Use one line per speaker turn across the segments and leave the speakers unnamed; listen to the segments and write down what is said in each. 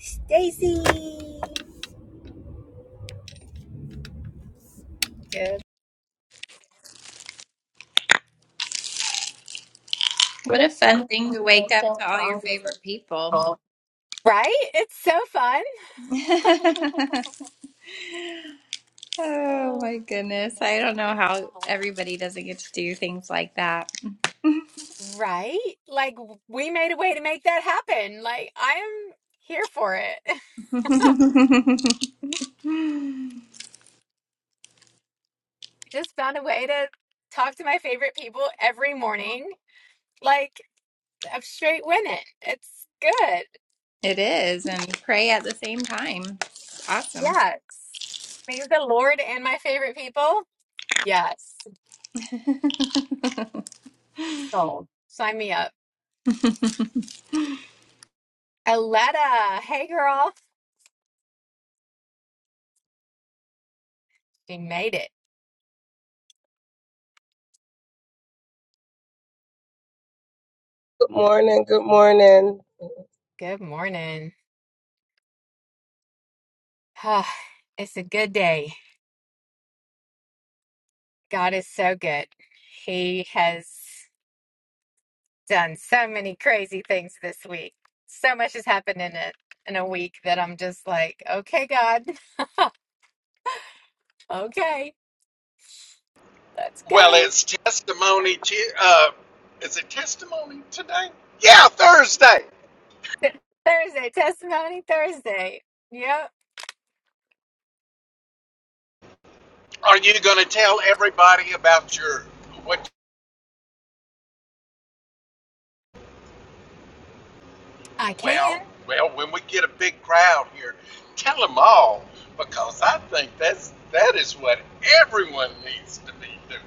Stacy. Good.
What a fun thing to wake up to all your favorite people.
Oh. Right? It's so fun.
oh my goodness. I don't know how everybody doesn't get to do things like that.
Right? Like we made a way to make that happen. Like I am here for it.
it
Just found a way to talk to my favorite people every morning. Like I'm straight winning. It's good.
is, and pray at the same time. It's Awesome.
Yes. Me, the Lord and my favorite people. Yes. Sold. Sign me up. Aletta. Hey girl. She made it.
Good morning. Good morning.
Good morning. Ah, it's a good day. God is so good. He has done so many crazy things this week. So much has happened in it in a week that I'm just like, okay, God, okay, let's
Well,
go.
it's testimony. T- uh, is it testimony today? Yeah, Thursday.
Thursday, testimony Thursday. Yep,
Are you going to tell everybody about your what?
I can.
Well, well, when we get a big crowd here, tell them all because I think that's that is what everyone needs to be doing.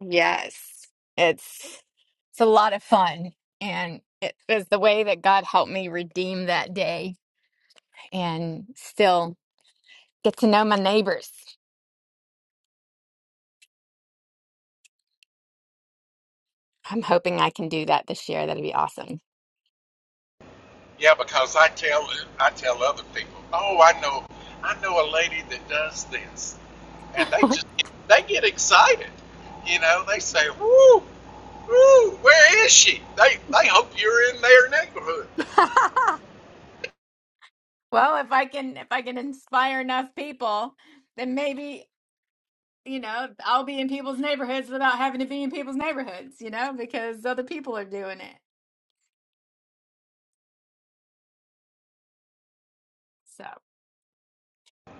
Yes, it's it's a lot of fun, and it was the way that God helped me redeem that day and still get to know my neighbors. I'm hoping I can do that this year. That'd be awesome.
Yeah, because I tell I tell other people. Oh, I know, I know a lady that does this, and they just they get excited. You know, they say, "Woo!" Woo, where is she? They they hope you're in their neighborhood.
Well, if I can if I can inspire enough people, then maybe, you know, I'll be in people's neighborhoods without having to be in people's neighborhoods, you know, because other people are doing it. So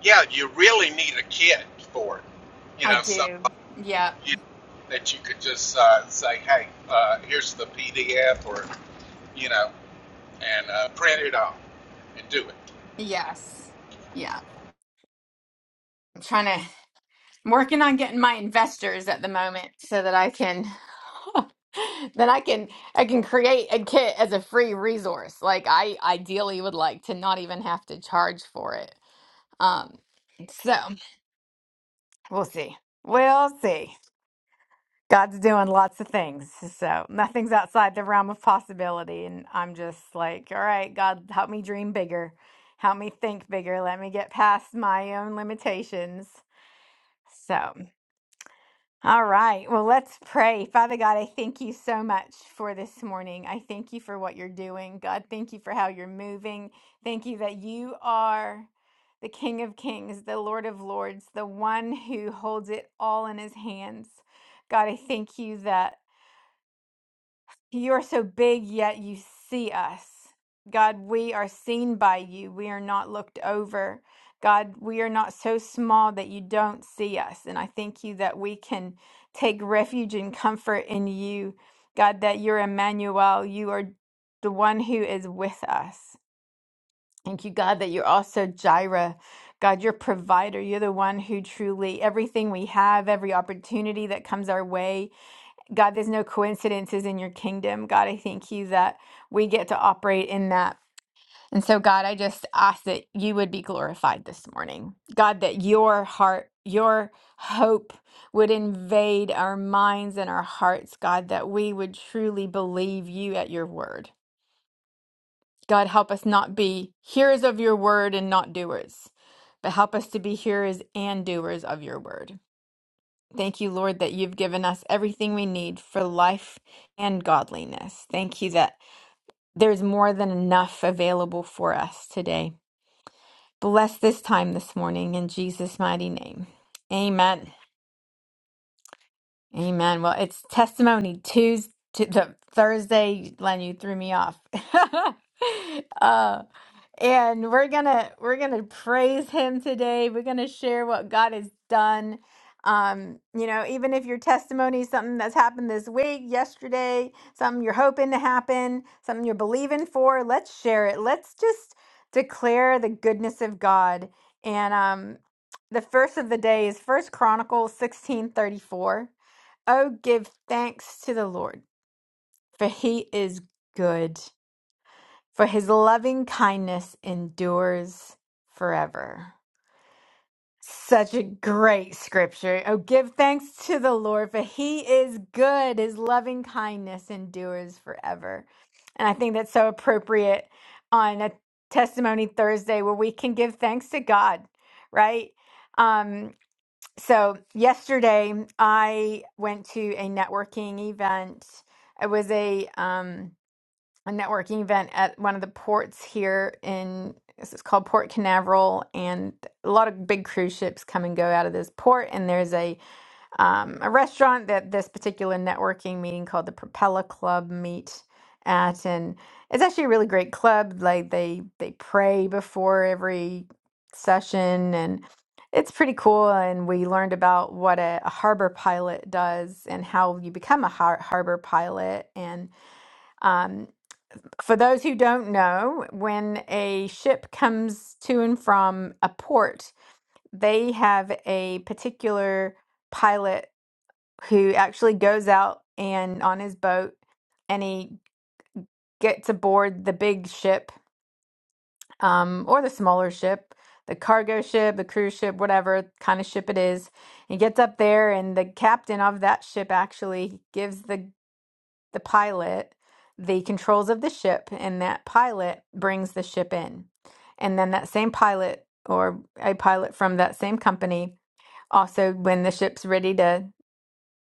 Yeah, you really need a kid for it. You
I
know, something
do. Yeah.
you, that you could just uh, say, hey, uh, here's the PDF, or you know, and uh, print it off and do it.
Yes. Yeah. I'm trying to. I'm working on getting my investors at the moment so that I can then I can I can create a kit as a free resource. Like I ideally would like to not even have to charge for it. Um so we'll see. We'll see. God's doing lots of things. So nothing's outside the realm of possibility and I'm just like, all right, God, help me dream bigger. Help me think bigger. Let me get past my own limitations. So All right. Well, let's pray. Father God, I thank you so much for this morning. I thank you for what you're doing. God, thank you for how you're moving. Thank you that you are the King of Kings, the Lord of Lords, the one who holds it all in his hands. God, I thank you that. You are so big, yet you see us. God, we are seen by you. We are not looked over. God, we are not so small that you don't see us. And I thank you that we can take refuge and comfort in you. God, that you're Emmanuel. You are the one who is with us. Thank you, God, that you're also Jireh. God, your provider. You're the one who truly everything we have, every opportunity that comes our way, God, there's no coincidences in your kingdom. God, I thank you that we get to operate in that. And so, God, I just ask that you would be glorified this morning. God, that your heart, your hope would invade our minds and our hearts. God, that we would truly believe you at your word. God, help us not be hearers of your word and not doers, but help us to be hearers and doers of your word. Thank you, Lord, that you've given us everything we need for life and godliness. Thank you that there's more than enough available for us today. Bless this time this morning in Jesus' mighty name. Amen. Amen. Well, it's testimony Tuesday the Thursday, Len, you threw me off. uh, and we're gonna we're gonna praise him today. We're gonna share what God has done. Um, you know, even if your testimony is something that's happened this week, yesterday, something you're hoping to happen, something you're believing for, let's share it. Let's just declare the goodness of God. And um the first of the day is first Chronicles sixteen thirty four. Oh, give thanks to the Lord, for he is good, for his loving kindness endures forever. Such a great scripture. Oh, give thanks to the Lord, for he is good. His loving kindness endures forever. And I think that's so appropriate on a Testimony Thursday where we can give thanks to God, right? Um, so yesterday I went to a networking event. It was a um a networking event at one of the ports here in this is called Port Canaveral and a lot of big cruise ships come and go out of this port and there's a um, a restaurant that this particular networking meeting called the Propeller Club meet at, and it's actually a really great club. Like they they pray before every session, and it's pretty cool. And we learned about what a, a harbor pilot does and how you become a har- harbor pilot. And um, for those who don't know, when a ship comes to and from a port, they have a particular pilot who actually goes out and on his boat and he gets aboard the big ship um, or the smaller ship, the cargo ship, the cruise ship, whatever kind of ship it is. He gets up there, and the captain of that ship actually gives the the pilot the controls of the ship, and that pilot brings the ship in. And then that same pilot or a pilot from that same company also, when the ship's ready to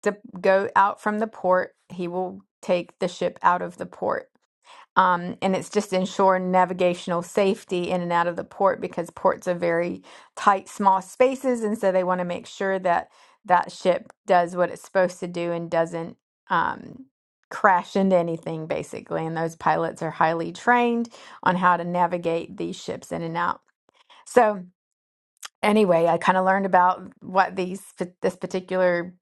to go out from the port. He will take the ship out of the port. Um, and it's just ensure navigational safety in and out of the port because ports are very tight, small spaces. And so they want to make sure that that ship does what it's supposed to do and doesn't um, crash into anything, basically. And those pilots are highly trained on how to navigate these ships in and out. So, anyway, I kind of learned about what these this particular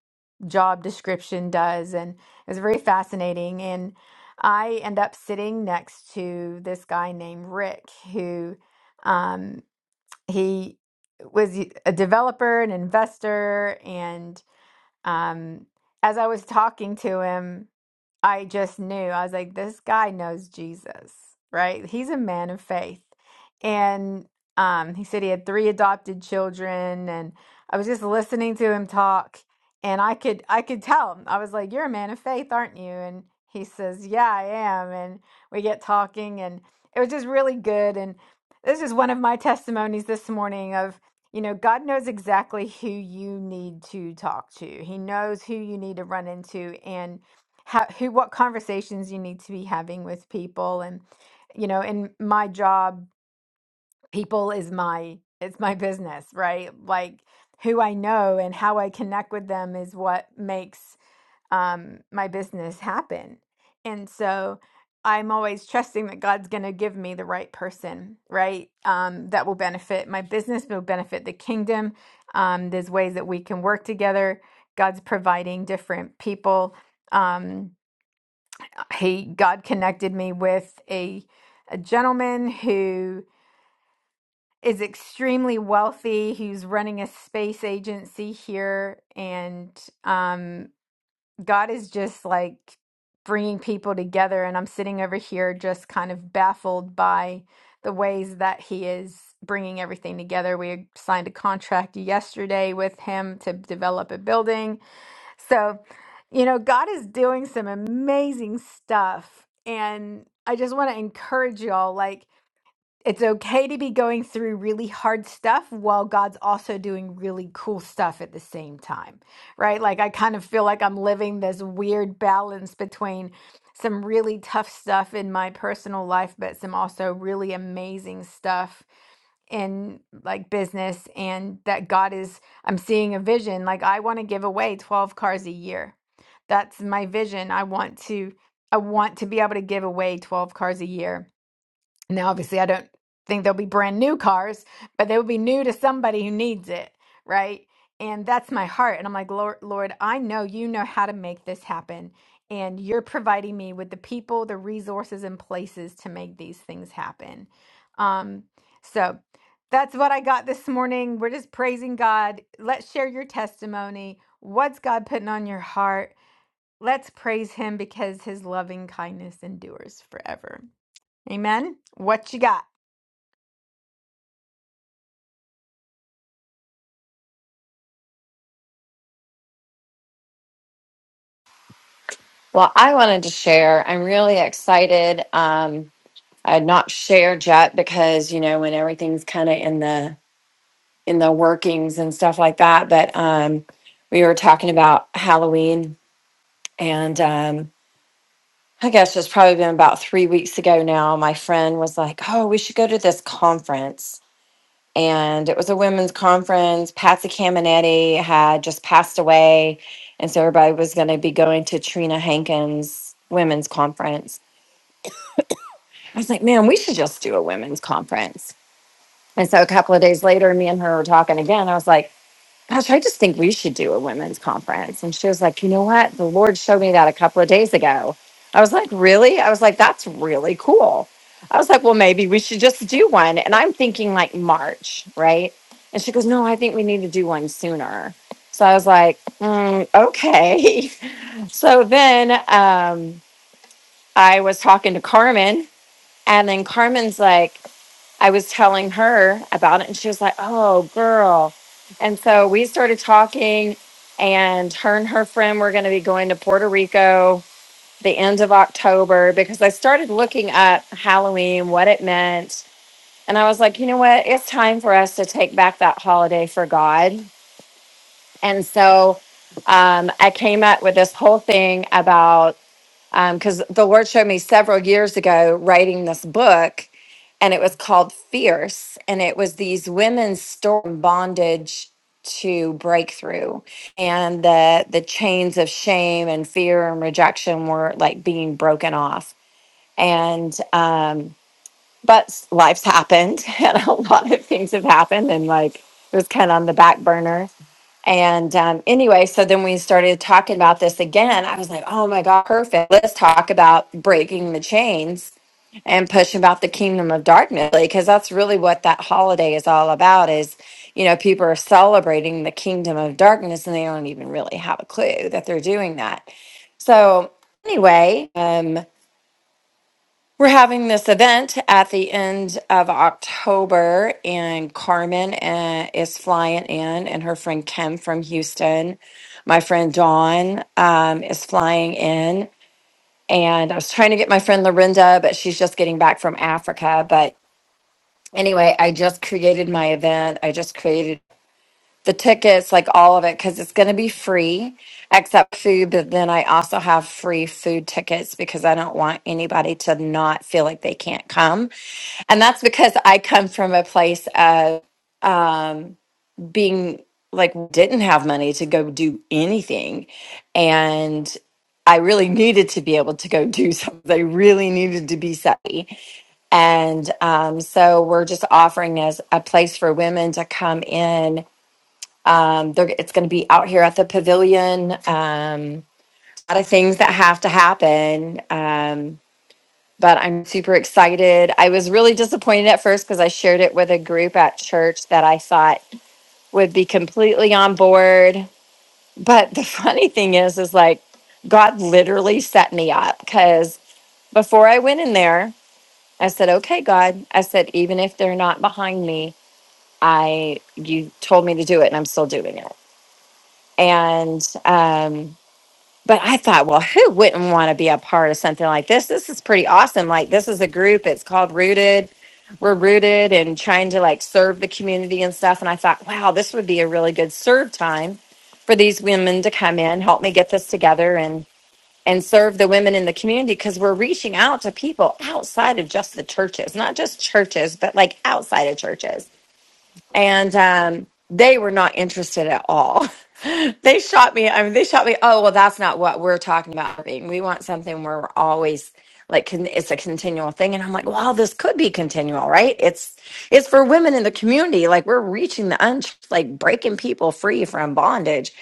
job description does, and it was very fascinating. And I end up sitting next to this guy named Rick, who um, he was a developer, an investor, and um, as I was talking to him. I just knew. I was like, this guy knows Jesus, right? He's a man of faith. And um, he said he had three adopted children, and I was just listening to him talk, and I could I could tell. I was like, you're a man of faith, aren't you? And he says, yeah, I am. And we get talking, and it was just really good. And this is one of my testimonies this morning of. You know, God knows exactly who you need to talk to. He knows who you need to run into. And how who what conversations you need to be having with people and you know in my job people is my it's my business right like who i know and how i connect with them is what makes um my business happen and so i'm always trusting that god's going to give me the right person right um that will benefit my business will benefit the kingdom um there's ways that we can work together god's providing different people um he God connected me with a a gentleman who is extremely wealthy, who's running a space agency here, and um, God is just like bringing people together. And I'm sitting over here just kind of baffled by the ways that He is bringing everything together. We signed a contract yesterday with him to develop a building so, you know, God is doing some amazing stuff. And I just want to encourage you all. like it's okay to be going through really hard stuff while God's also doing really cool stuff at the same time, right? Like, I kind of feel like I'm living this weird balance between some really tough stuff in my personal life, but some also really amazing stuff in like business, and that God is, I'm seeing a vision. Like, I want to give away 12 cars a year. That's my vision. I want to, I want to be able to give away 12 cars a year now, obviously, I don't think they'll be brand new cars, but they will be new to somebody who needs it, right? And that's my heart. And I'm like, Lord, Lord, I know you know how to make this happen. And you're providing me with the people, the resources, and places to make these things happen. Um, so that's what I got this morning. We're just praising God. Let's share your testimony. What's God putting on your heart? Let's praise Him because His loving kindness endures forever. Amen. What you got?
Well, I wanted to share. I'm really excited. Um, I had not shared yet because you know when everything's kind of in the in the workings and stuff like that. But um, we were talking about Halloween, and um, I guess it's probably been about three weeks ago now. My friend was like, "Oh, we should go to this conference." And it was a women's conference. Patsy Caminetti had just passed away, and so everybody was going to be going to Trina Hankins' women's conference. I was like, man, we should just do a women's conference. And so a couple of days later, me and her were talking again. I was like, gosh, I just think we should do a women's conference. And she was like, you know what? The Lord showed me that a couple of days ago. I was like, really? I was like, that's really cool. I was like, well, maybe we should just do one. And I'm thinking like March, right? And she goes, no, I think we need to do one sooner. So I was like, mm, okay. so then um, I was talking to Carmen, and then Carmen's like, I was telling her about it, and she was like, "Oh, girl." And so we started talking, and her and her friend were going to be going to Puerto Rico the end of October because I started looking up Halloween, what it meant, and I was like, "You know what? It's time for us to take back that holiday for God." And so um, I came up with this whole thing about because the Lord showed me several years ago writing this book, and it was called Fierce, and it was these women's story from bondage to breakthrough, and the the chains of shame and fear and rejection were like being broken off, and um, but life's happened and a lot of things have happened and like it was kind of on the back burner and um, anyway so then we started talking about this again i was like oh my god perfect let's talk about breaking the chains and pushing about the kingdom of darkness because that's really what that holiday is all about is you know people are celebrating the kingdom of darkness and they don't even really have a clue that they're doing that so anyway um. We're having this event at the end of October, and Carmen uh, is flying in, and her friend Kim from Houston. My friend Dawn um, is flying in, and I was trying to get my friend Lorinda, but she's just getting back from Africa. But anyway, I just created my event. I just created the tickets, like all of it, because it's going to be free except food. But then I also have free food tickets because I don't want anybody to not feel like they can't come. And that's because I come from a place of being like, didn't have money to go do anything. And I really needed to be able to go do something. I really needed to be savvy. And um, so we're just offering as a place for women to come in um, they're, it's going to be out here at the pavilion. Um, a lot of things that have to happen. Um, but I'm super excited. I was really disappointed at first because I shared it with a group at church that I thought would be completely on board. But the funny thing is, is like God literally set me up because before I went in there, I said, okay, God, I said, even if they're not behind me, I, you told me to do it and I'm still doing it. And, um, but I thought, well, who wouldn't want to be a part of something like this? This is pretty awesome. Like, this is a group. It's called Rooted. We're rooted and trying to like serve the community and stuff. And I thought, wow, this would be a really good serve time for these women to come in, help me get this together and and serve the women in the community because we're reaching out to people outside of just the churches, not just churches, but like outside of churches and um, they were not interested at all. they shot me. I mean, they shot me. Oh well, that's not what we're talking about. Irving. We want something where we're always like con- it's a continual thing. And I'm like, wow, this could be continual, right? It's it's for women in the community. Like we're reaching the un like breaking people free from bondage.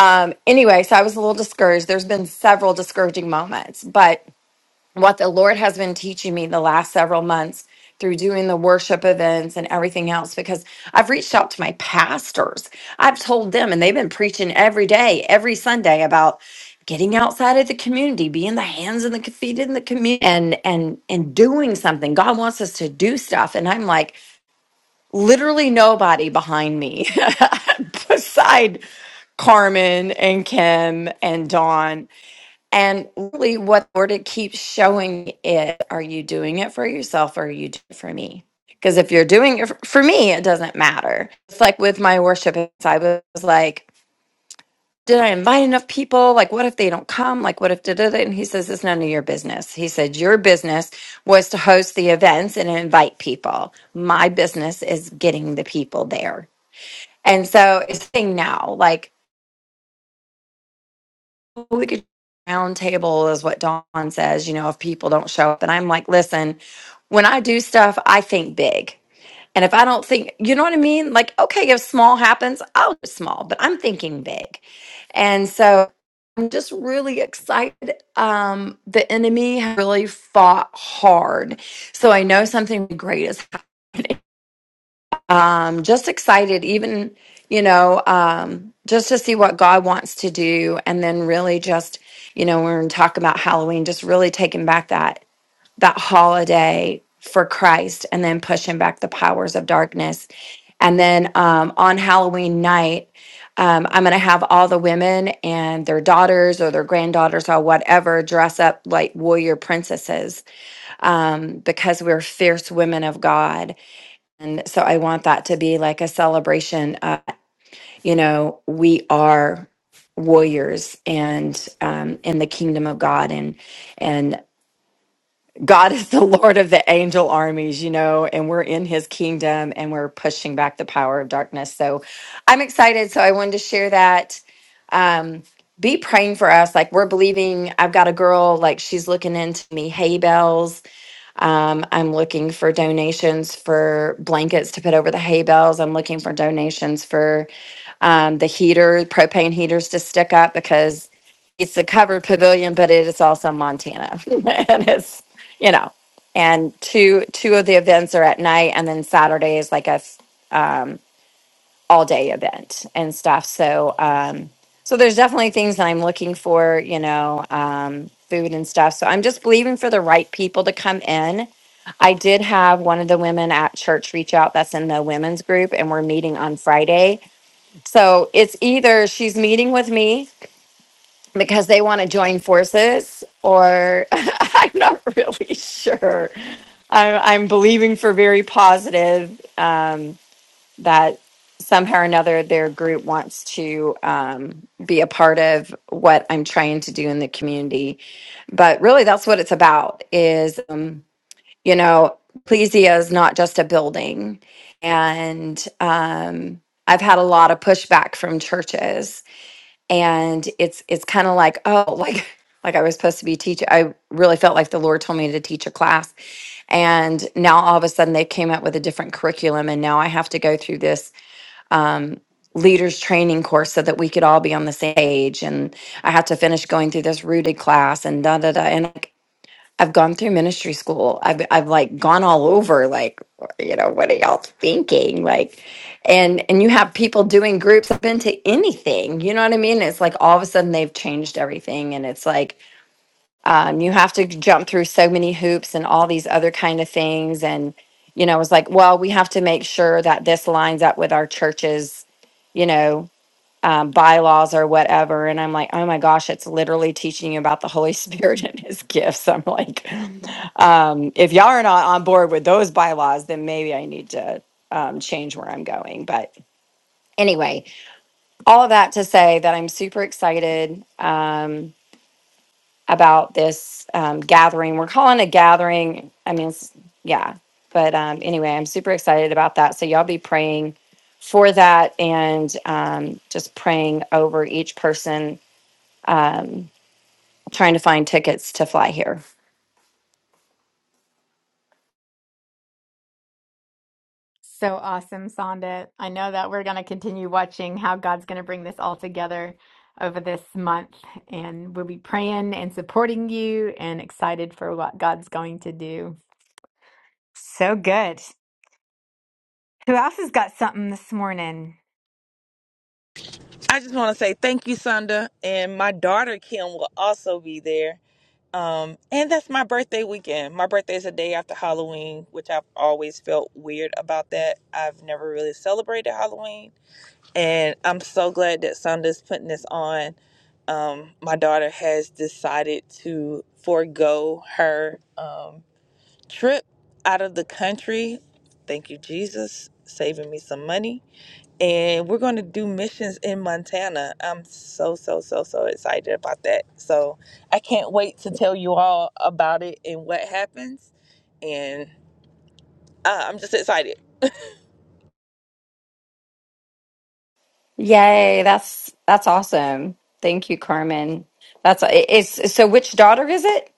Um. Anyway, so I was a little discouraged. There's been several discouraging moments, but what the Lord has been teaching me the last several months through doing the worship events and everything else because I've reached out to my pastors. I've told them, and they've been preaching every day, every Sunday about getting outside of the community, being the hands and the feet in the community and and and doing something. God wants us to do stuff. And I'm like, literally nobody behind me beside Carmen and Kim and Dawn and really, what the Lord it keeps showing me is are you doing it for yourself or are you doing it for me? Because if you're doing it f- for me, it doesn't matter. It's like with my worship, it's- I was like, did I invite enough people? Like, what if they don't come? Like, what if da da da? And he says, it's none of your business. He said, your business was to host the events and invite people. My business is getting the people there. And so it's saying now, like, we could round table is what Dawn says, you know, if people don't show up. And I'm like, listen, when I do stuff, I think big. And if I don't think, you know what I mean? Like, okay, if small happens, I'll do small, but I'm thinking big. And so I'm just really excited. Um, the enemy has really fought hard. So I know something great is um, just excited, even, you know, um, just to see what God wants to do. And then really just, you know, when we talk about Halloween, just really taking back that, that holiday for Christ and then pushing back the powers of darkness. And then um, on Halloween night, um, I'm going to have all the women and their daughters or their granddaughters or whatever dress up like warrior princesses um, because we're fierce women of God and so I want that to be like a celebration. Uh, you know, we are warriors and um, in the kingdom of God, and and God is the Lord of the angel armies. You know, and we're in His kingdom, and we're pushing back the power of darkness. So I'm excited. So I wanted to share that. Um, be praying for us. Like we're believing. I've got a girl. Like she's looking into me hay bales um, I'm looking for donations for blankets to put over the hay bales. I'm looking for donations for um, the heater, propane heaters to stick up because it's a covered pavilion, but it is also Montana, and it's you know, and two two of the events are at night, and then Saturday is like a f- all day event and stuff. So, um, so there's definitely things that I'm looking for, you know, um, food and stuff. So I'm just believing for the right people to come in. I did have one of the women at church reach out that's in the women's group, and we're meeting on Friday. So it's either she's meeting with me because they want to join forces, or I'm not really sure. I'm, I'm believing for very positive. Um, that somehow or another their group wants to um, be a part of what i'm trying to do in the community but really that's what it's about is um, you know ecclesia is not just a building and um, i've had a lot of pushback from churches and it's it's kind of like oh like like i was supposed to be teaching i really felt like the lord told me to teach a class and now all of a sudden they came up with a different curriculum and now i have to go through this um, leaders training course so that we could all be on the same page. And I had to finish going through this rooted class and da da da. And like, I've gone through ministry school. I've I've like gone all over. Like, you know, what are y'all thinking? Like, and and you have people doing groups. I've been to anything. You know what I mean? It's like all of a sudden they've changed everything, and it's like um, you have to jump through so many hoops and all these other kind of things and you know it's like well we have to make sure that this lines up with our church's you know um, bylaws or whatever and i'm like oh my gosh it's literally teaching you about the holy spirit and his gifts i'm like um, if y'all are not on board with those bylaws then maybe i need to um, change where i'm going but anyway all of that to say that i'm super excited um, about this um, gathering. We're calling it a gathering. I mean, it's, yeah. But um, anyway, I'm super excited about that. So y'all be praying for that and um, just praying over each person um, trying to find tickets to fly here.
So awesome, Sonda. I know that we're going to continue watching how God's going to bring this all together over this month. And we'll be praying and supporting you and excited for what God's going to do. So good. Who else has got something this morning?
I just want to say thank you, Sunda, and my daughter Kim will also be there. Um, and that's my birthday weekend. My birthday is a day after Halloween, which I've always felt weird about that. I've never really celebrated Halloween, and I'm so glad that Sunda's putting this on. Um, my daughter has decided to forego her. Um, trip out of the country. Thank you, Jesus, saving me some money. And we're going to do missions in Montana. I'm so, so, so, so excited about that. So I can't wait to tell you all about it and what happens. And uh, I'm just excited.
Yay! That's that's awesome. Thank you, Carmen. That's it- it's so. Which daughter is it?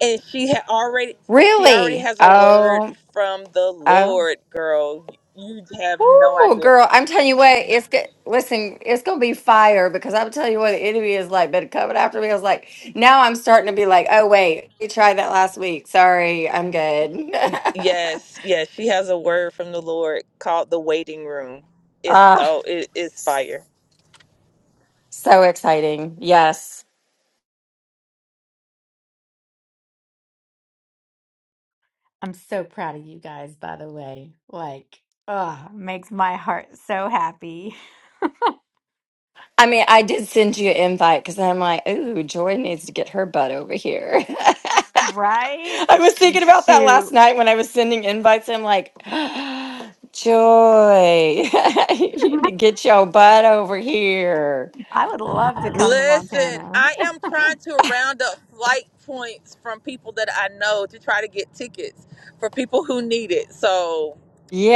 And she had already. She already
Really?
has a word
Oh,
from the
oh.
Lord, girl. You have no
Oh,
idea.
girl, I'm telling you what, it's good. Listen, it's gonna be fire because I'm telling you what the enemy is like. But coming after me, I was like, now I'm starting to be like, oh wait, we tried that last week. Sorry, I'm good.
Y- Yes, yes, she has a word from the Lord called the waiting room. It's
Ah,
oh, it is fire.
so exciting. Yes.
I'm so proud of you guys, by the way. Like, oh, makes my heart so happy.
I mean, I did send you an invite because I'm like, ooh, Joy needs to get her butt over here. I
Right?
was thinking about that last
Shoot.
night when I was sending invites. I'm like, Joy, you need to get your butt over here.
I would love to come to
Listen,
Montana.
I am trying to round up flight points from people that I know to try to get tickets for people who need it. So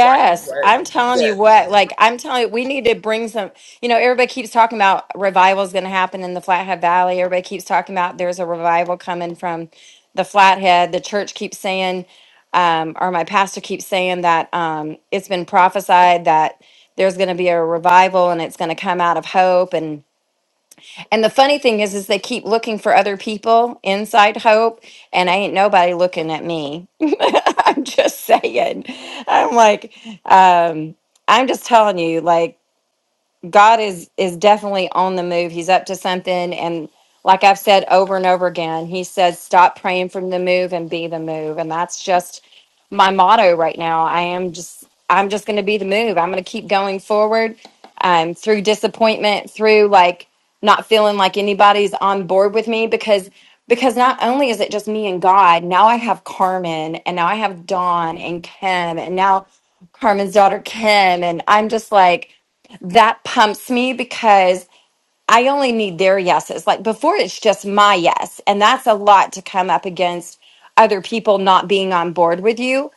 watch the word.
I'm telling you
Yes.
what, like I'm telling you, we need to bring some, you know, everybody keeps talking about revival is going to happen in the Flathead Valley. Everybody keeps talking about there's a revival coming from the Flathead. The church keeps saying, um, or my pastor keeps saying that um, it's been prophesied that there's going to be a revival and it's going to come out of hope. And the funny thing is, is they keep looking for other people inside Hope, and I ain't nobody looking at me. I'm just saying. I'm like, um, I'm just telling you, like. God is is definitely on the move. He's up to something and like I've said over and over again, he says stop praying from the move and be the move. And that's just my motto right now. I am just I'm just going to be the move. I'm going to keep going forward um through disappointment, through like not feeling like anybody's on board with me because because not only is it just me and God, now I have Carmen and now I have Dawn and Kim and now Carmen's daughter Kim and I'm just like that pumps me because I only need their yeses. Like before, it's just my yes. And that's a lot to come up against other people not being on board with you.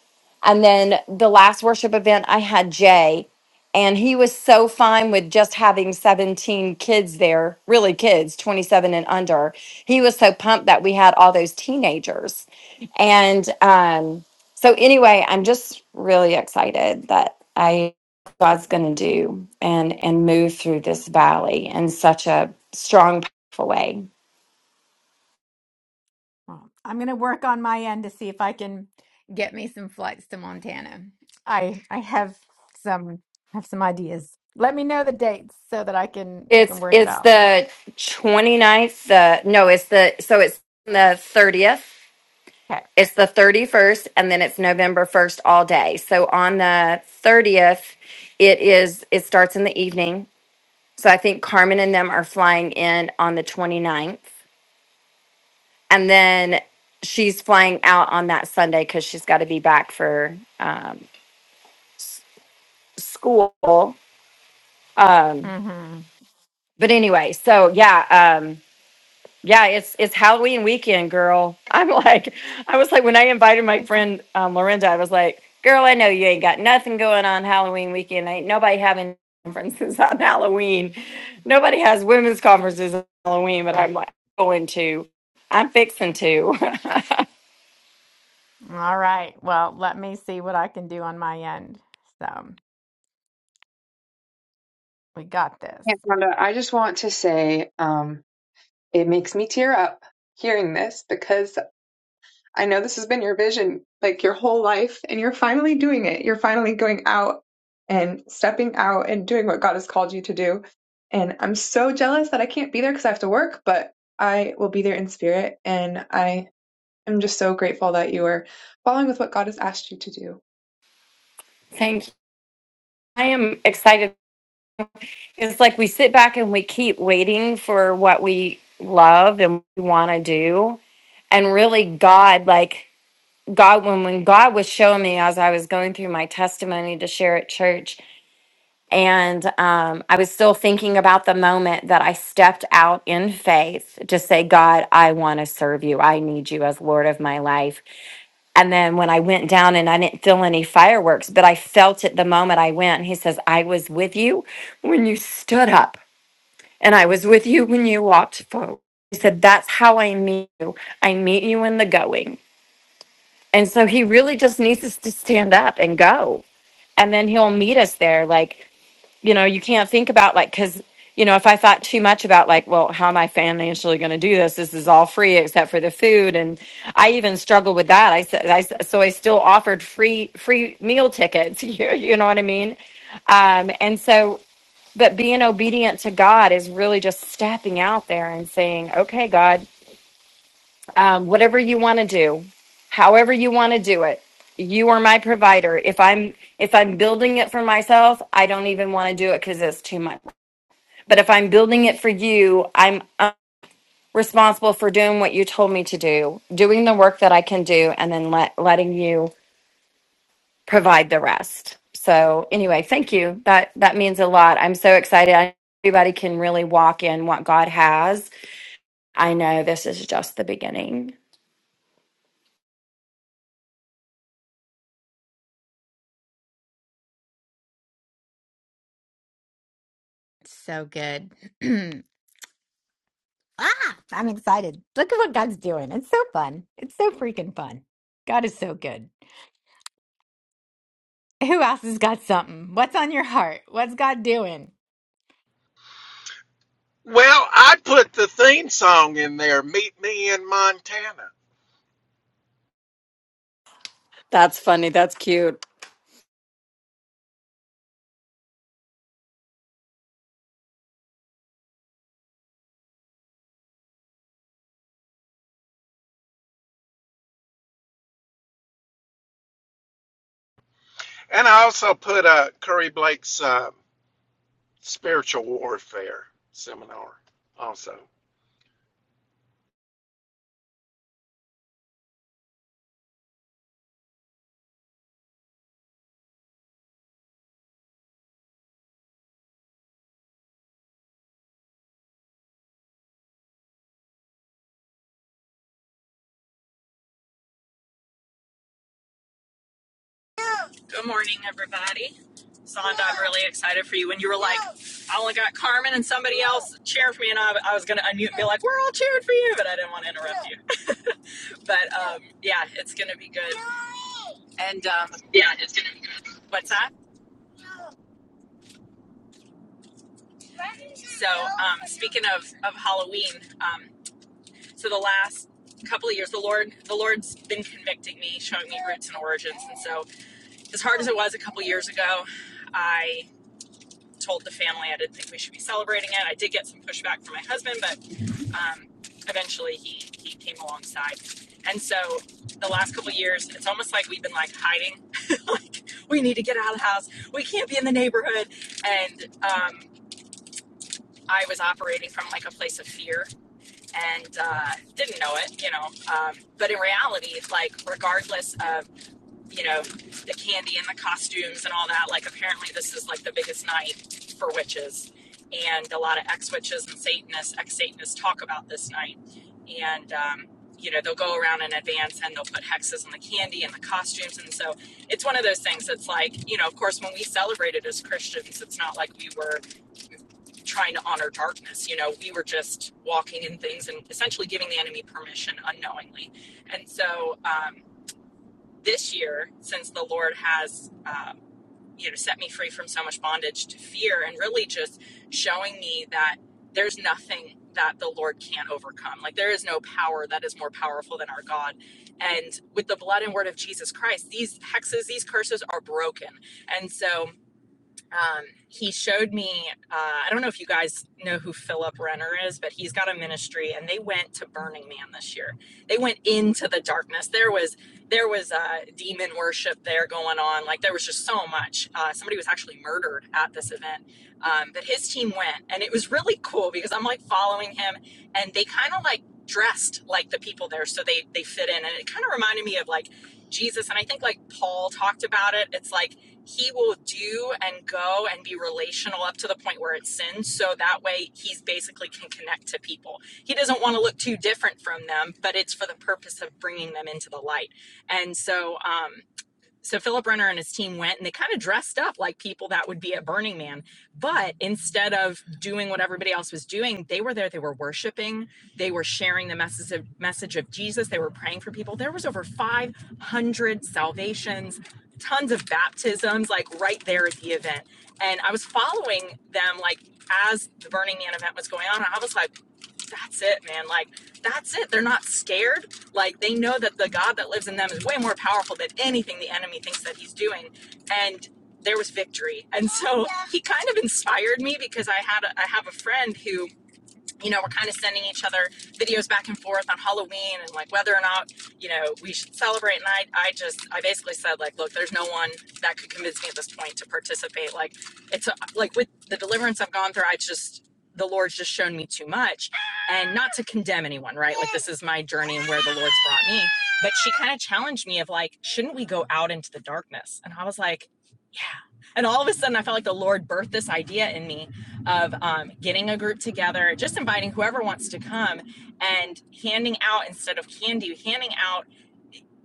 And then the last worship event, I had Jay, and he was so fine with just having 17 kids there, really kids, 27 and under. He was so pumped that we had all those teenagers. And um, so, anyway, I'm just really excited that I. God's going to do and and move through this valley in such a strong powerful way.
Well, I'm going to work on my end to see if I can get me some flights to Montana. I I have some I have some ideas. Let me know the dates so that I can I
It's
can work it
it's
out.
the 29th the no it's the so it's the 30th
Okay.
it's the 31st and then it's November 1st all day. So on the 30th it is it starts in the evening. So I think Carmen and them are flying in on the 29th and then she's flying out on that Sunday cuz she's got to be back for um school Um,
Mm-hmm.
but anyway, so yeah, um, yeah, it's it's Halloween weekend, girl. I'm like, I was like, when I invited my friend um, Lorinda, I was like, girl, I know you ain't got nothing going on Halloween weekend. Ain't nobody having conferences on Halloween. Nobody has women's conferences on Halloween, but I'm like going to. I'm fixing to.
All right. Well, let me see what I can do on my end. So we got this.
Yeah, Rhonda, I just want to say um, it makes me tear up hearing this because I know this has been your vision like your whole life, and you're finally doing it. You're finally going out and stepping out and doing what God has called you to do. And I'm so jealous that I can't be there because I have to work, but I will be there in spirit. And I am just so grateful that you are following with what God has asked you to do.
Thank you. I am excited. It's like we sit back and we keep waiting for what we love and we want to do and really god like God, when, when God was showing me as I was going through my testimony to share at church, and um, I was still thinking about the moment that I stepped out in faith to say, God, I want to serve you. I need you as Lord of my life. And then when I went down and I didn't feel any fireworks, but I felt it the moment I went. He says, I was with you when you stood up, and I was with you when you walked forward. He said, That's how I meet you. I meet you in the going. And so he really just needs us to stand up and go. And then he'll meet us there. Like, you know, you can't think about like, cause, you know, if I thought too much about like, well, how am I financially going to do this? This is all free except for the food. And I even struggled with that. I said, I, s- so I still offered free, free meal tickets. You, you know what I mean? Um, and so, but being obedient to God is really just stepping out there and saying, okay, God, um, whatever you want to do however you want to do it you are my provider if i'm if i'm building it for myself i don't even want to do it because it's too much but if i'm building it for you i'm uh, responsible for doing what you told me to do doing the work that i can do and then let, letting you provide the rest so anyway thank you that that means a lot i'm so excited I, everybody can really walk in what god has i know this is just the beginning
So good. ah, I'm excited. Look at what God's doing. It's so fun. It's so freaking fun. God is so good. Who else has got something? What's on your heart? What's God doing?
Well, I put the theme song in there, "Meet Me in Montana,"
That's funny. That's cute.
and I also put uh, Curry Blake's uh, "Spiritual Warfare" seminar also.
Good morning, everybody. Sonda, I'm really excited for you. When you were like, I only got Carmen and somebody else cheering for me, and I, I was going to unmute and be like, we're all cheering for you, but I didn't want to interrupt you. But um, yeah, it's going to be good. And um,
Yeah, it's gonna be good.
what's that? So, um, speaking of, of Halloween, um, so the last couple of years, the Lord, the Lord's been convicting me, showing me roots and origins. And so, as hard as it was a couple years ago, I. told the family I didn't think we should be celebrating it. I did get some pushback from my husband, but um, eventually he he came alongside. And so the last couple of years, it's almost like we've been like hiding, like we need to get out of the house. We can't be in the neighborhood. And um, I was operating from like a place of fear and uh, didn't know it, you know. Um, but in reality, like regardless of you know, the candy and the costumes and all that. Like, apparently, this is like the biggest night for witches. And a lot of ex witches and Satanists, ex Satanists talk about this night. And, um, you know, they'll go around in advance and they'll put hexes on the candy and the costumes. And so it's one of those things that's like, you know, of course, when we celebrated as Christians, it's not like we were trying to honor darkness. You know, we were just walking in things and essentially giving the enemy permission unknowingly. And so, um, this year, since the Lord has, um, you know, set me free from so much bondage to fear and really just showing me that there's nothing that the Lord can't overcome. Like there is no power that is more powerful than our God. And with the blood and word of Jesus Christ, these hexes, these curses are broken. And so, um, he showed me uh, i don't know if you guys know who philip renner is but he's got a ministry and they went to burning man this year they went into the darkness there was there was uh, demon worship there going on like there was just so much uh, somebody was actually murdered at this event um, but his team went and it was really cool because i'm like following him and they kind of like dressed like the people there so they they fit in and it kind of reminded me of like jesus and i think like paul talked about it it's like he will do and go and be relational up to the point where it's sin so that way he's basically can connect to people he doesn't want to look too different from them but it's for the purpose of bringing them into the light and so um, so Philip Renner and his team went and they kind of dressed up like people that would be at Burning Man. But instead of doing what everybody else was doing, they were there, they were worshiping, they were sharing the message of, message of Jesus, they were praying for people. There was over 500 salvations, tons of baptisms, like right there at the event. And I was following them, like, as the Burning Man event was going on, and I was like, that's it, man. Like, that's it. They're not scared. Like, they know that the God that lives in them is way more powerful than anything the enemy thinks that he's doing. And there was victory. And so he kind of inspired me because I had a, I have a friend who you know, we're kind of sending each other videos back and forth on Halloween and like whether or not, you know, we should celebrate. And I, I just, I basically said like, look, there's no one that could convince me at this point to participate. Like it's a, like with the deliverance I've gone through, I just, the Lord's just shown me too much and not to condemn anyone, right? Like this is my journey and where the Lord's brought me. But she kind of challenged me of like, shouldn't we go out into the darkness? And I was like, yeah. And all of a sudden I felt like the Lord birthed this idea in me of um, getting a group together, just inviting whoever wants to come and handing out instead of candy, handing out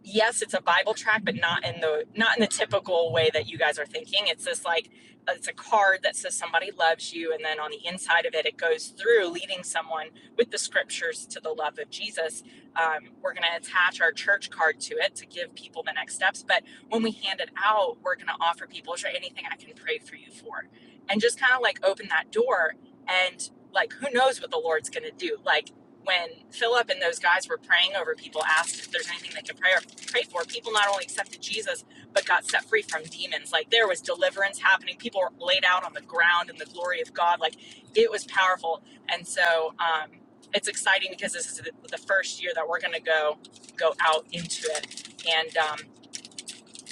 yes it's a bible track but not in the not in the typical way that you guys are thinking it's this like it's a card that says somebody loves you and then on the inside of it it goes through leading someone with the scriptures to the love of jesus um, we're going to attach our church card to it to give people the next steps but when we hand it out we're going to offer people is there anything i can pray for you for and just kind of like open that door and like who knows what the lord's going to do like when philip and those guys were praying over people asked if there's anything they could pray, pray for people not only accepted jesus but got set free from demons like there was deliverance happening people were laid out on the ground in the glory of god like it was powerful and so um, it's exciting because this is the first year that we're going to go go out into it and um,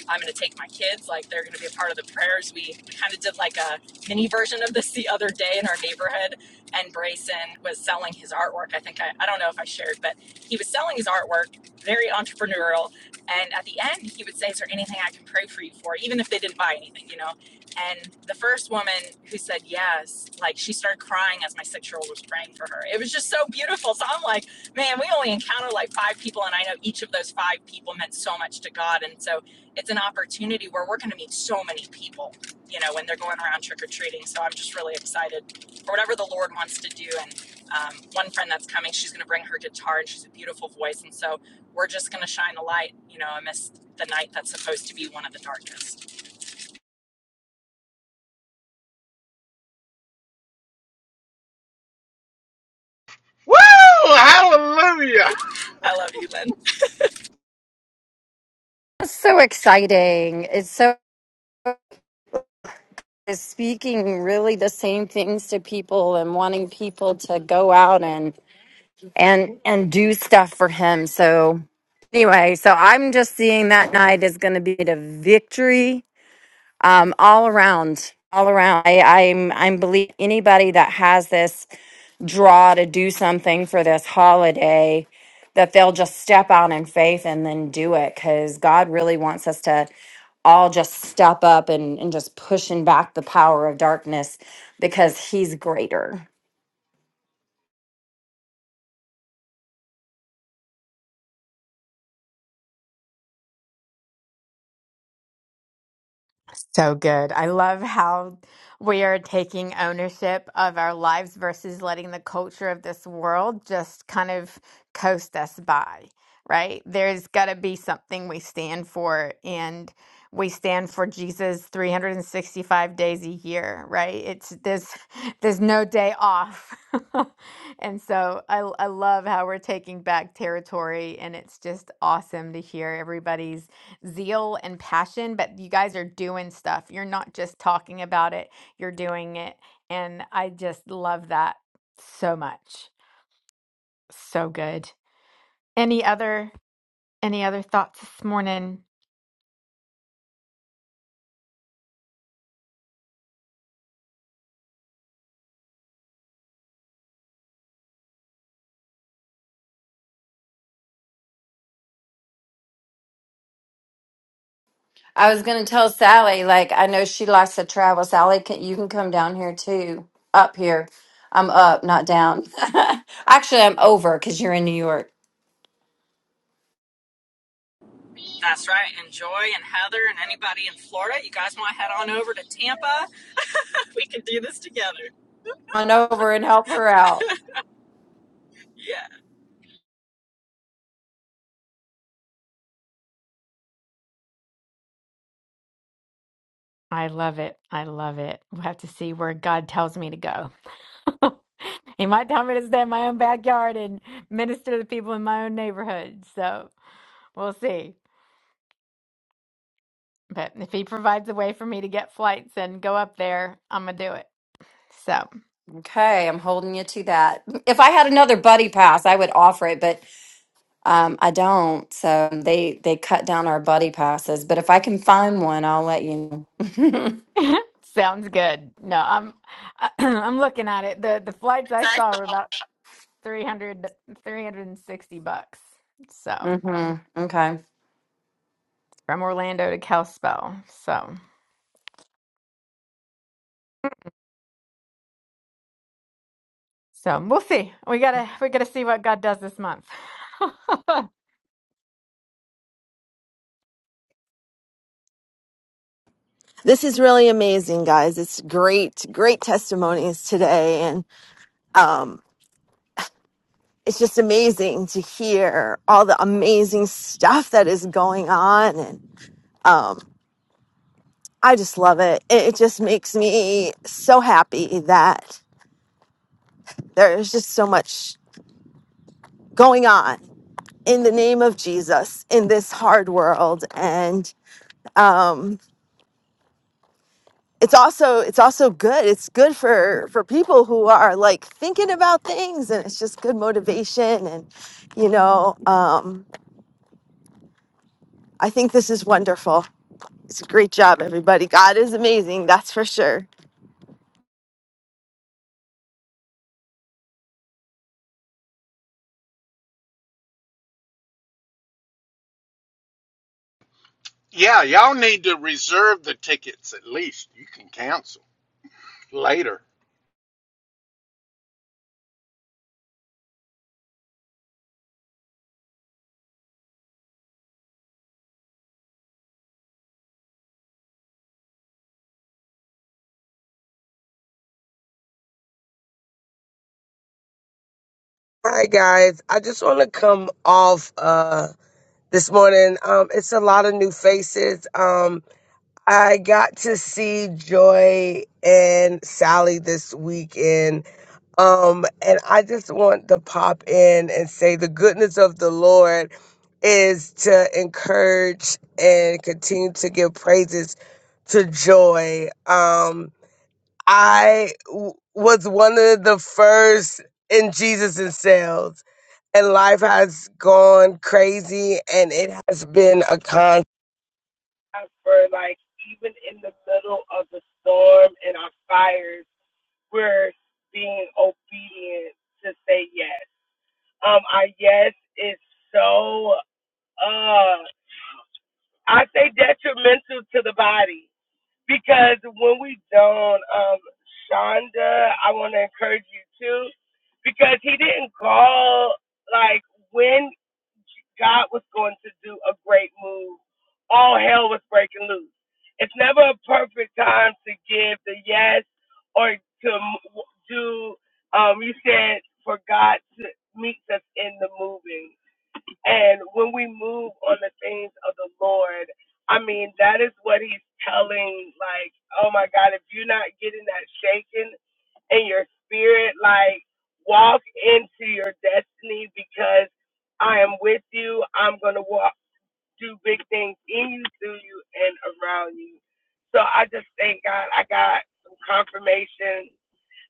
I'm going to take my kids. Like they're going to be a part of the prayers. We, we kind of did like a mini version of this the other day in our neighborhood. And Brayson was selling his artwork. I think I, I don't know if I shared, but he was selling his artwork, very entrepreneurial. And at the end, he would say, Is there anything I can pray for you for? Even if they didn't buy anything, you know? And the first woman who said yes, like she started crying as my six year old was praying for her. It was just so beautiful. So I'm like, man, we only encounter like five people. And I know each of those five people meant so much to God. And so it's an opportunity where we're going to meet so many people, you know, when they're going around trick or treating. So I'm just really excited for whatever the Lord wants to do. And um, one friend that's coming, she's going to bring her guitar and she's a beautiful voice. And so we're just going to shine a light, you know, amidst the night that's supposed to be one of the darkest.
Woo! Hallelujah!
I love you, Lynn.
That's so exciting. It's so is speaking really the same things to people and wanting people to go out and and and do stuff for him. So anyway, so I'm just seeing that night is going to be the victory um, all around, all around. I, I'm I'm believe anybody that has this draw to do something for this holiday that they'll just step out in faith and then do it because God really wants us to all just step up and, and just pushing back the power of darkness because he's greater.
So good. I love how we are taking ownership of our lives versus letting the culture of this world just kind of coast us by, right? There's got to be something we stand for, and we stand for Jesus 365 days a year, right? It's there's there's no day off. And so I I love how we're taking back territory, and it's just awesome to hear everybody's zeal and passion, but you guys are doing stuff. You're not just talking about it, you're doing it. And I just love that so much. So good. Any other any other thoughts this morning?
I was gonna tell Sally, like I know she likes to travel. Sally, can, you can come down here too. Up here, I'm up, not down. Actually, I'm over because you're in New York.
That's right. And Joy and Heather and anybody in Florida, you guys want to head on over to Tampa? we can do this together.
on over and help her out.
Yeah.
I love it. I love it. We'll have to see where God tells me to go. he might tell me to stay in my own backyard and minister to the people in my own neighborhood. So we'll see. But if he provides a way for me to get flights and go up there, I'm gonna do it. So
Okay, I'm holding you to that. If I had another buddy pass, I would offer it, but um, I don't. So they they cut down our buddy passes. But if I can find one, I'll let you know.
Sounds good. No, I'm I'm looking at it. The the flights I saw were about 300, 360 bucks. So,
hmm Okay.
from Orlando to Kalispell. So, so we'll see. We got to we got to see what God does this month.
This is really amazing, guys. It's great, great testimonies today. And um, it's just amazing to hear all the amazing stuff that is going on. And um, I just love it. it. It just makes me so happy that there's just so much going on in the name of Jesus in this hard world. And um, it's also it's also good it's good for for people who are like thinking about things and it's just good motivation and you know um i think this is wonderful it's a great job everybody god is amazing that's for sure
Yeah, y'all need to reserve the tickets at least. You can cancel later.
Hi guys. I just want to come off uh this morning. Um it's a lot of new faces. Um I got to see Joy and Sally this weekend. Um and I just want to pop in and say the goodness of the Lord is to encourage and continue to give praises to Joy. Um I w- was one of the first in Jesus in sales, and life has gone crazy, and it has been a constant for like even in the middle of the storm and our fires, we're being obedient to say yes. Um, our yes is so uh, I say detrimental to the body because when we don't, um, Shonda, I want to encourage you too. because he didn't call like when God was going to do a great move, all hell was breaking loose. It's never a perfect time to give the yes or to do. Um, you said for God to meet us in the moving, and when we move on the things of the Lord, I mean that is what He's telling. Like, oh my God, if you're not getting that shaken and your spirit. Like, walk into your destiny because I am with you. I'm going to walk, do big things in you, through you, and around you. So I just thank God I got some confirmation.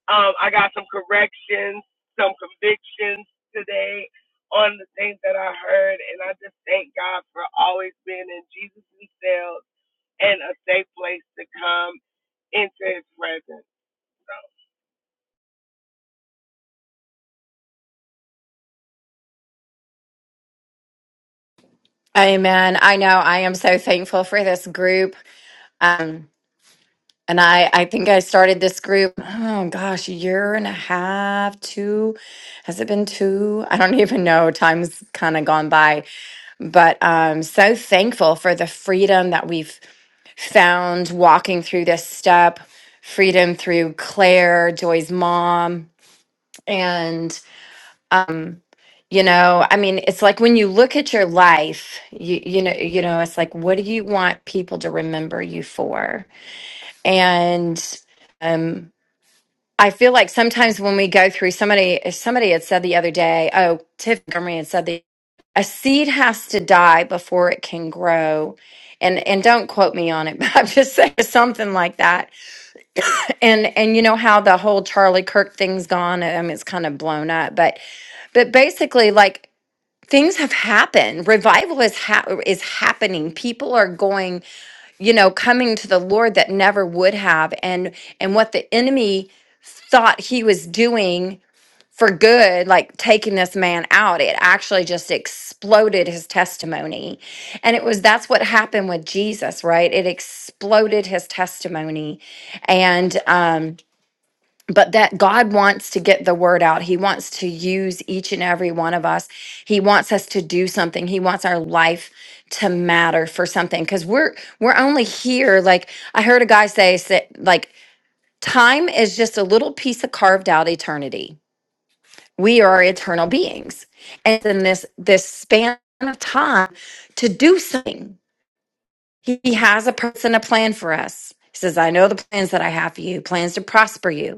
Um, I got some corrections, some convictions today on the things that I heard. And I just thank God for always being in Jesus' themselves and a safe place to come into his presence.
Amen. I know. I am so thankful for this group. Um, and I I think I started this group. Oh gosh, a year and a half, two. Has it been two? I don't even know. Time's kind of gone by but I'm so thankful for the freedom that we've found walking through this step, freedom through Claire, Joy's mom. And, um, you know, I mean, it's like when you look at your life, you, you know, you know, it's like, what do you want people to remember you for? And, um, I feel like sometimes when we go through somebody, somebody had said the other day, oh, Tiff Montgomery had said the a seed has to die before it can grow. And and don't quote me on it, but I'm just saying something like that. And and you know how the whole Charlie Kirk thing's gone. I mean, it's kind of blown up, but but basically, like things have happened. Revival is ha- is happening. People are going you know coming to the lord that never would have and and what the enemy thought he was doing for good like taking this man out it actually just exploded his testimony and it was that's what happened with jesus right it exploded his testimony and um but that God wants to get the word out. He wants to use each and every one of us. He wants us to do something. He wants our life to matter for something cuz we're we're only here like I heard a guy say sa- like time is just a little piece of carved out eternity. We are eternal beings. And in this this span of time to do something. He he has a person a plan for us. He says, "I know the plans that I have for you, plans to prosper you."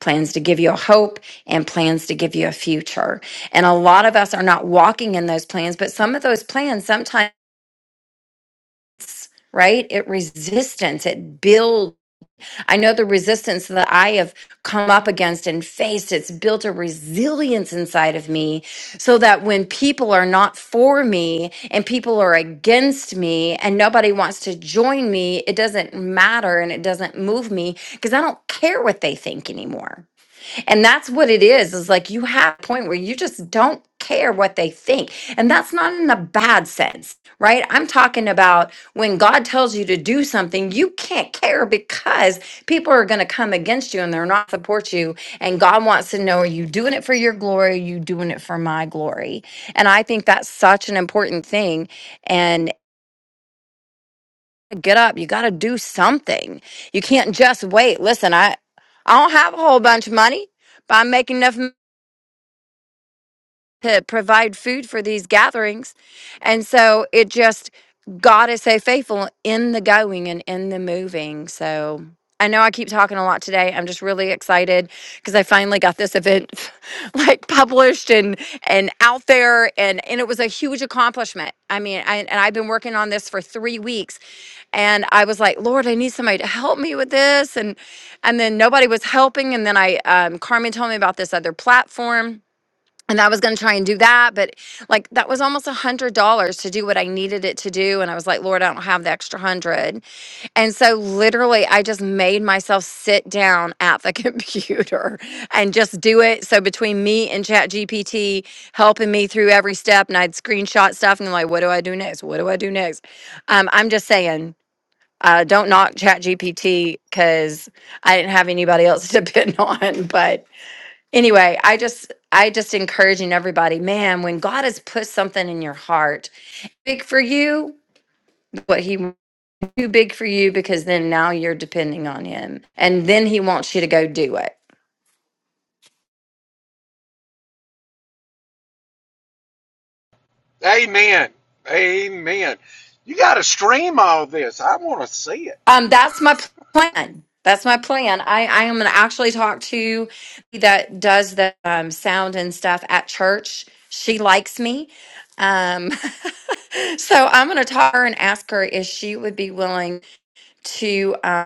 plans to give you a hope and plans to give you a future. And a lot of us are not walking in those plans, but some of those plans sometimes right it resistance it builds i know the resistance that i have come up against and faced it's built a resilience inside of me so that when people are not for me and people are against me and nobody wants to join me it doesn't matter and it doesn't move me because i don't care what they think anymore and that's what it is, is like you have a point where you just don't care what they think. And that's not in a bad sense, right? I'm talking about when God tells you to do something, you can't care because people are going to come against you and they're not support you. And God wants to know, are you doing it for your glory? Are you doing it for my glory? And I think that's such an important thing. And get up, you got to do something. You can't just wait. Listen, I, I don't have a whole bunch of money, but I'm making enough. to provide food for these gatherings. And so it just, God to so faithful in the going and in the moving. So I know I keep talking a lot today. I'm just really excited because I finally got this event like published and and out there and and it was a huge accomplishment. I mean, I, and I've been working on this for 3 weeks and I was like, "Lord, I need somebody to help me with this." And and then nobody was helping and then I um Carmen told me about this other platform and I was going to try and do that, but like that was almost a hundred dollars to do what I needed it to do. And I was like, Lord, I don't have the extra hundred. And so literally I just made myself sit down at the computer and just do it. So between me and Chat GPT helping me through every step and I'd screenshot stuff and like, what do I do next? What do I do next? Um, I'm just saying, uh, don't knock Chat GPT because I didn't have anybody else to pin on, but anyway i just i just encouraging everybody man when god has put something in your heart big for you what he won't do big for you because then now you're depending on him and then he wants you to go do it
Amen. Amen. You got to stream all this. I want to see it.
um that's my plan that's my plan i i am going to actually talk to that does the um, sound and stuff at church she likes me um so i'm going to talk to her and ask her if she would be willing to um,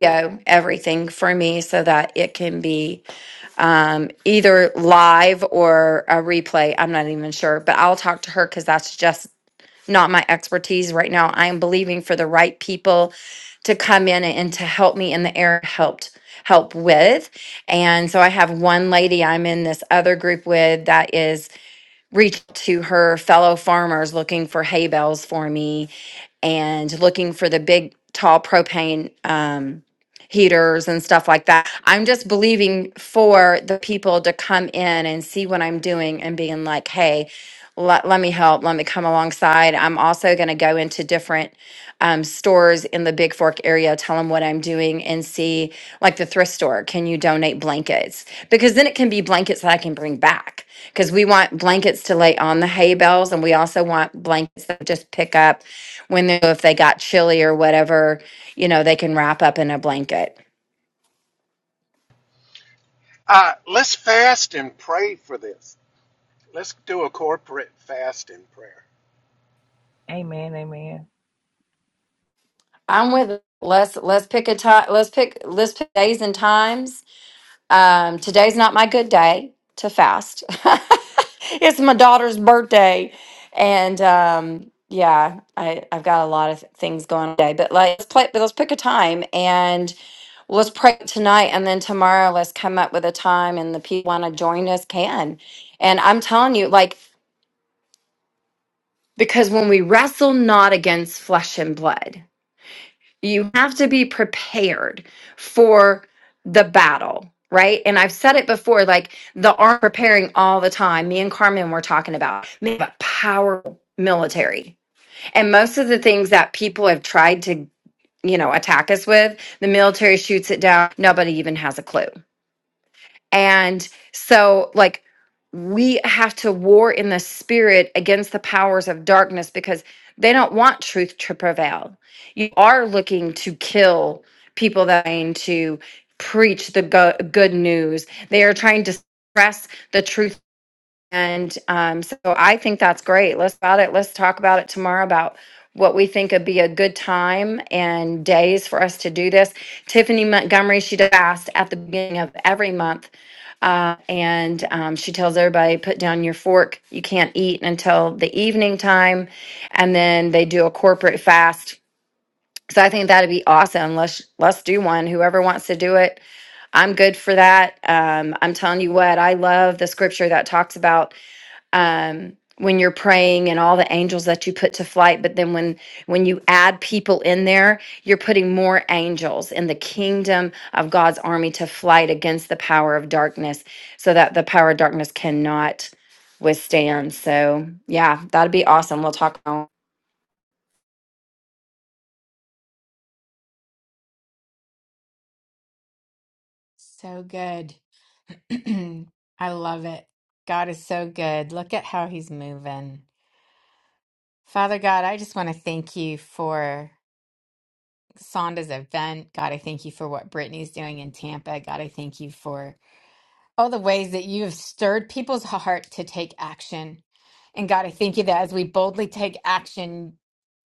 video everything for me so that it can be um, either live or a replay. I'm not even sure, but I'll talk to her because that's just not my expertise right now. I am believing for the right people to come in and to help me in the air helped help with. And so I have one lady I'm in this other group with that is reach to her fellow farmers looking for hay bales for me and looking for the big tall propane um, heaters and stuff like that. I'm just believing for the people to come in and see what I'm doing and being like, hey, let, let me help. Let me come alongside. I'm also going to go into different um, stores in the Big Fork area, tell them what I'm doing and see, like the thrift store, can you donate blankets? Because then it can be blankets that I can bring back. Because we want blankets to lay on the hay bales, and we also want blankets that just pick up when they, if they got chilly or whatever, you know, they can wrap up in a blanket.
Uh, let's fast and pray for this. Let's do a corporate fast and prayer.
Amen, amen.
I'm with let's let's pick a time. Let's pick let's pick days and times Um, today's not my good day to fast. it's my daughter's birthday, and um, yeah, I, I've got a lot of th- things going on today. But like, let's play. But let's pick a time and let's pray tonight, and then tomorrow let's come up with a time, and the people want to join us can. And I'm telling you, like, because when we wrestle not against flesh and blood. You have to be prepared for the battle, right? And I've said it before, like the arm preparing all the time. Me and Carmen were talking about we have a powerful military. And most of the things that people have tried to, you know, attack us with, the military shoots it down. Nobody even has a clue. And so, like, we have to war in the spirit against the powers of darkness because they don't want truth to prevail. You are looking to kill people that are trying to preach the go- good news. They are trying to suppress the truth. And um, so I think that's great. Let's about it. Let's talk about it tomorrow about what we think would be a good time and days for us to do this. Tiffany Montgomery, she does asked at the beginning of every month. Uh, and um, she tells everybody, put down your fork. You can't eat until the evening time. And then they do a corporate fast. So I think that'd be awesome. Let's let's do one. Whoever wants to do it, I'm good for that. Um, I'm telling you what, I love the scripture that talks about um, when you're praying and all the angels that you put to flight but then when when you add people in there you're putting more angels in the kingdom of god's army to flight against the power of darkness so that the power of darkness cannot withstand so yeah that'd be awesome we'll talk on
So good. I love it. God is so good. Look at how he's moving. Father God, I just want to thank you for Sonda's event. God, I thank you for what Brittany's doing in Tampa. God, I thank you for all the ways that you have stirred people's heart to take action. And God, I thank you that as we boldly take action,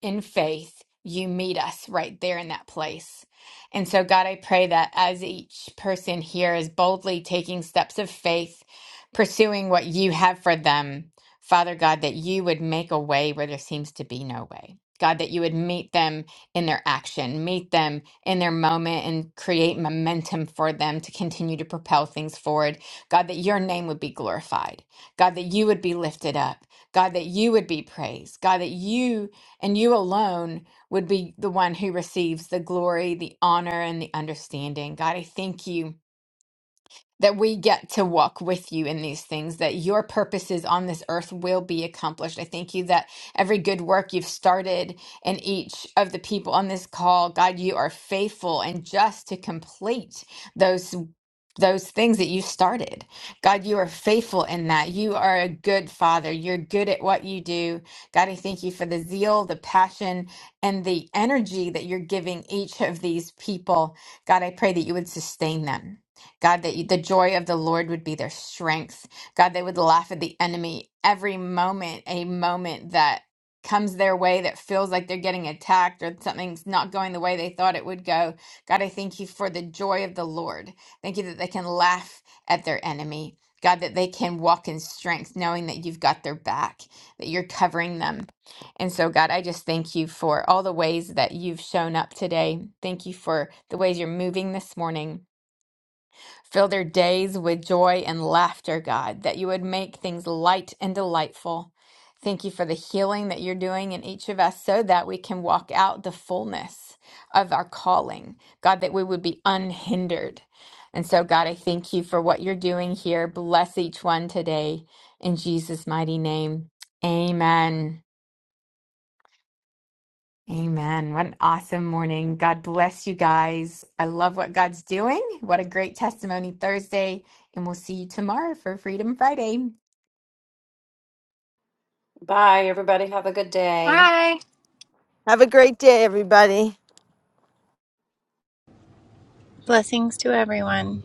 in faith, you meet us right there in that place. And so, God, I pray that as each person here is boldly taking steps of faith, pursuing what you have for them, Father God, that you would make a way where there seems to be no way. God, that you would meet them in their action, meet them in their moment, and create momentum for them to continue to propel things forward. God, that your name would be glorified. God, that you would be lifted up. God, that you would be praised. God, that you and you alone would be the one who receives the glory, the honor, and the understanding. God, I thank you that we get to walk with you in these things, that your purposes on this earth will be accomplished. I thank you that every good work you've started in each of the people on this call, God, you are faithful and just to complete those those things that you started. God, you are faithful in that. You are a good father. You're good at what you do. God, I thank you for the zeal, the passion, and the energy that you're giving each of these people. God, I pray that you would sustain them. God, that you, the joy of the Lord would be their strength. God, they would laugh at the enemy every moment, a moment that comes their way that feels like they're getting attacked or something's not going the way they thought it would go. God, I thank you for the joy of the Lord. Thank you that they can laugh at their enemy. God, that they can walk in strength, knowing that you've got their back, that you're covering them. And so, God, I just thank you for all the ways that you've shown up today. Thank you for the ways you're moving this morning. Fill their days with joy and laughter, God, that you would make things light and delightful. Thank you for the healing that you're doing in each of us so that we can walk out the fullness of our calling. God, that we would be unhindered. And so, God, I thank you for what you're doing here. Bless each one today in Jesus' mighty name. Amen. Amen. What an awesome morning. God bless you guys. I love what God's doing. What a great testimony Thursday. And we'll see you tomorrow for Freedom Friday.
bye everybody have a good day
Hi.
have a great day everybody
Blessings to everyone.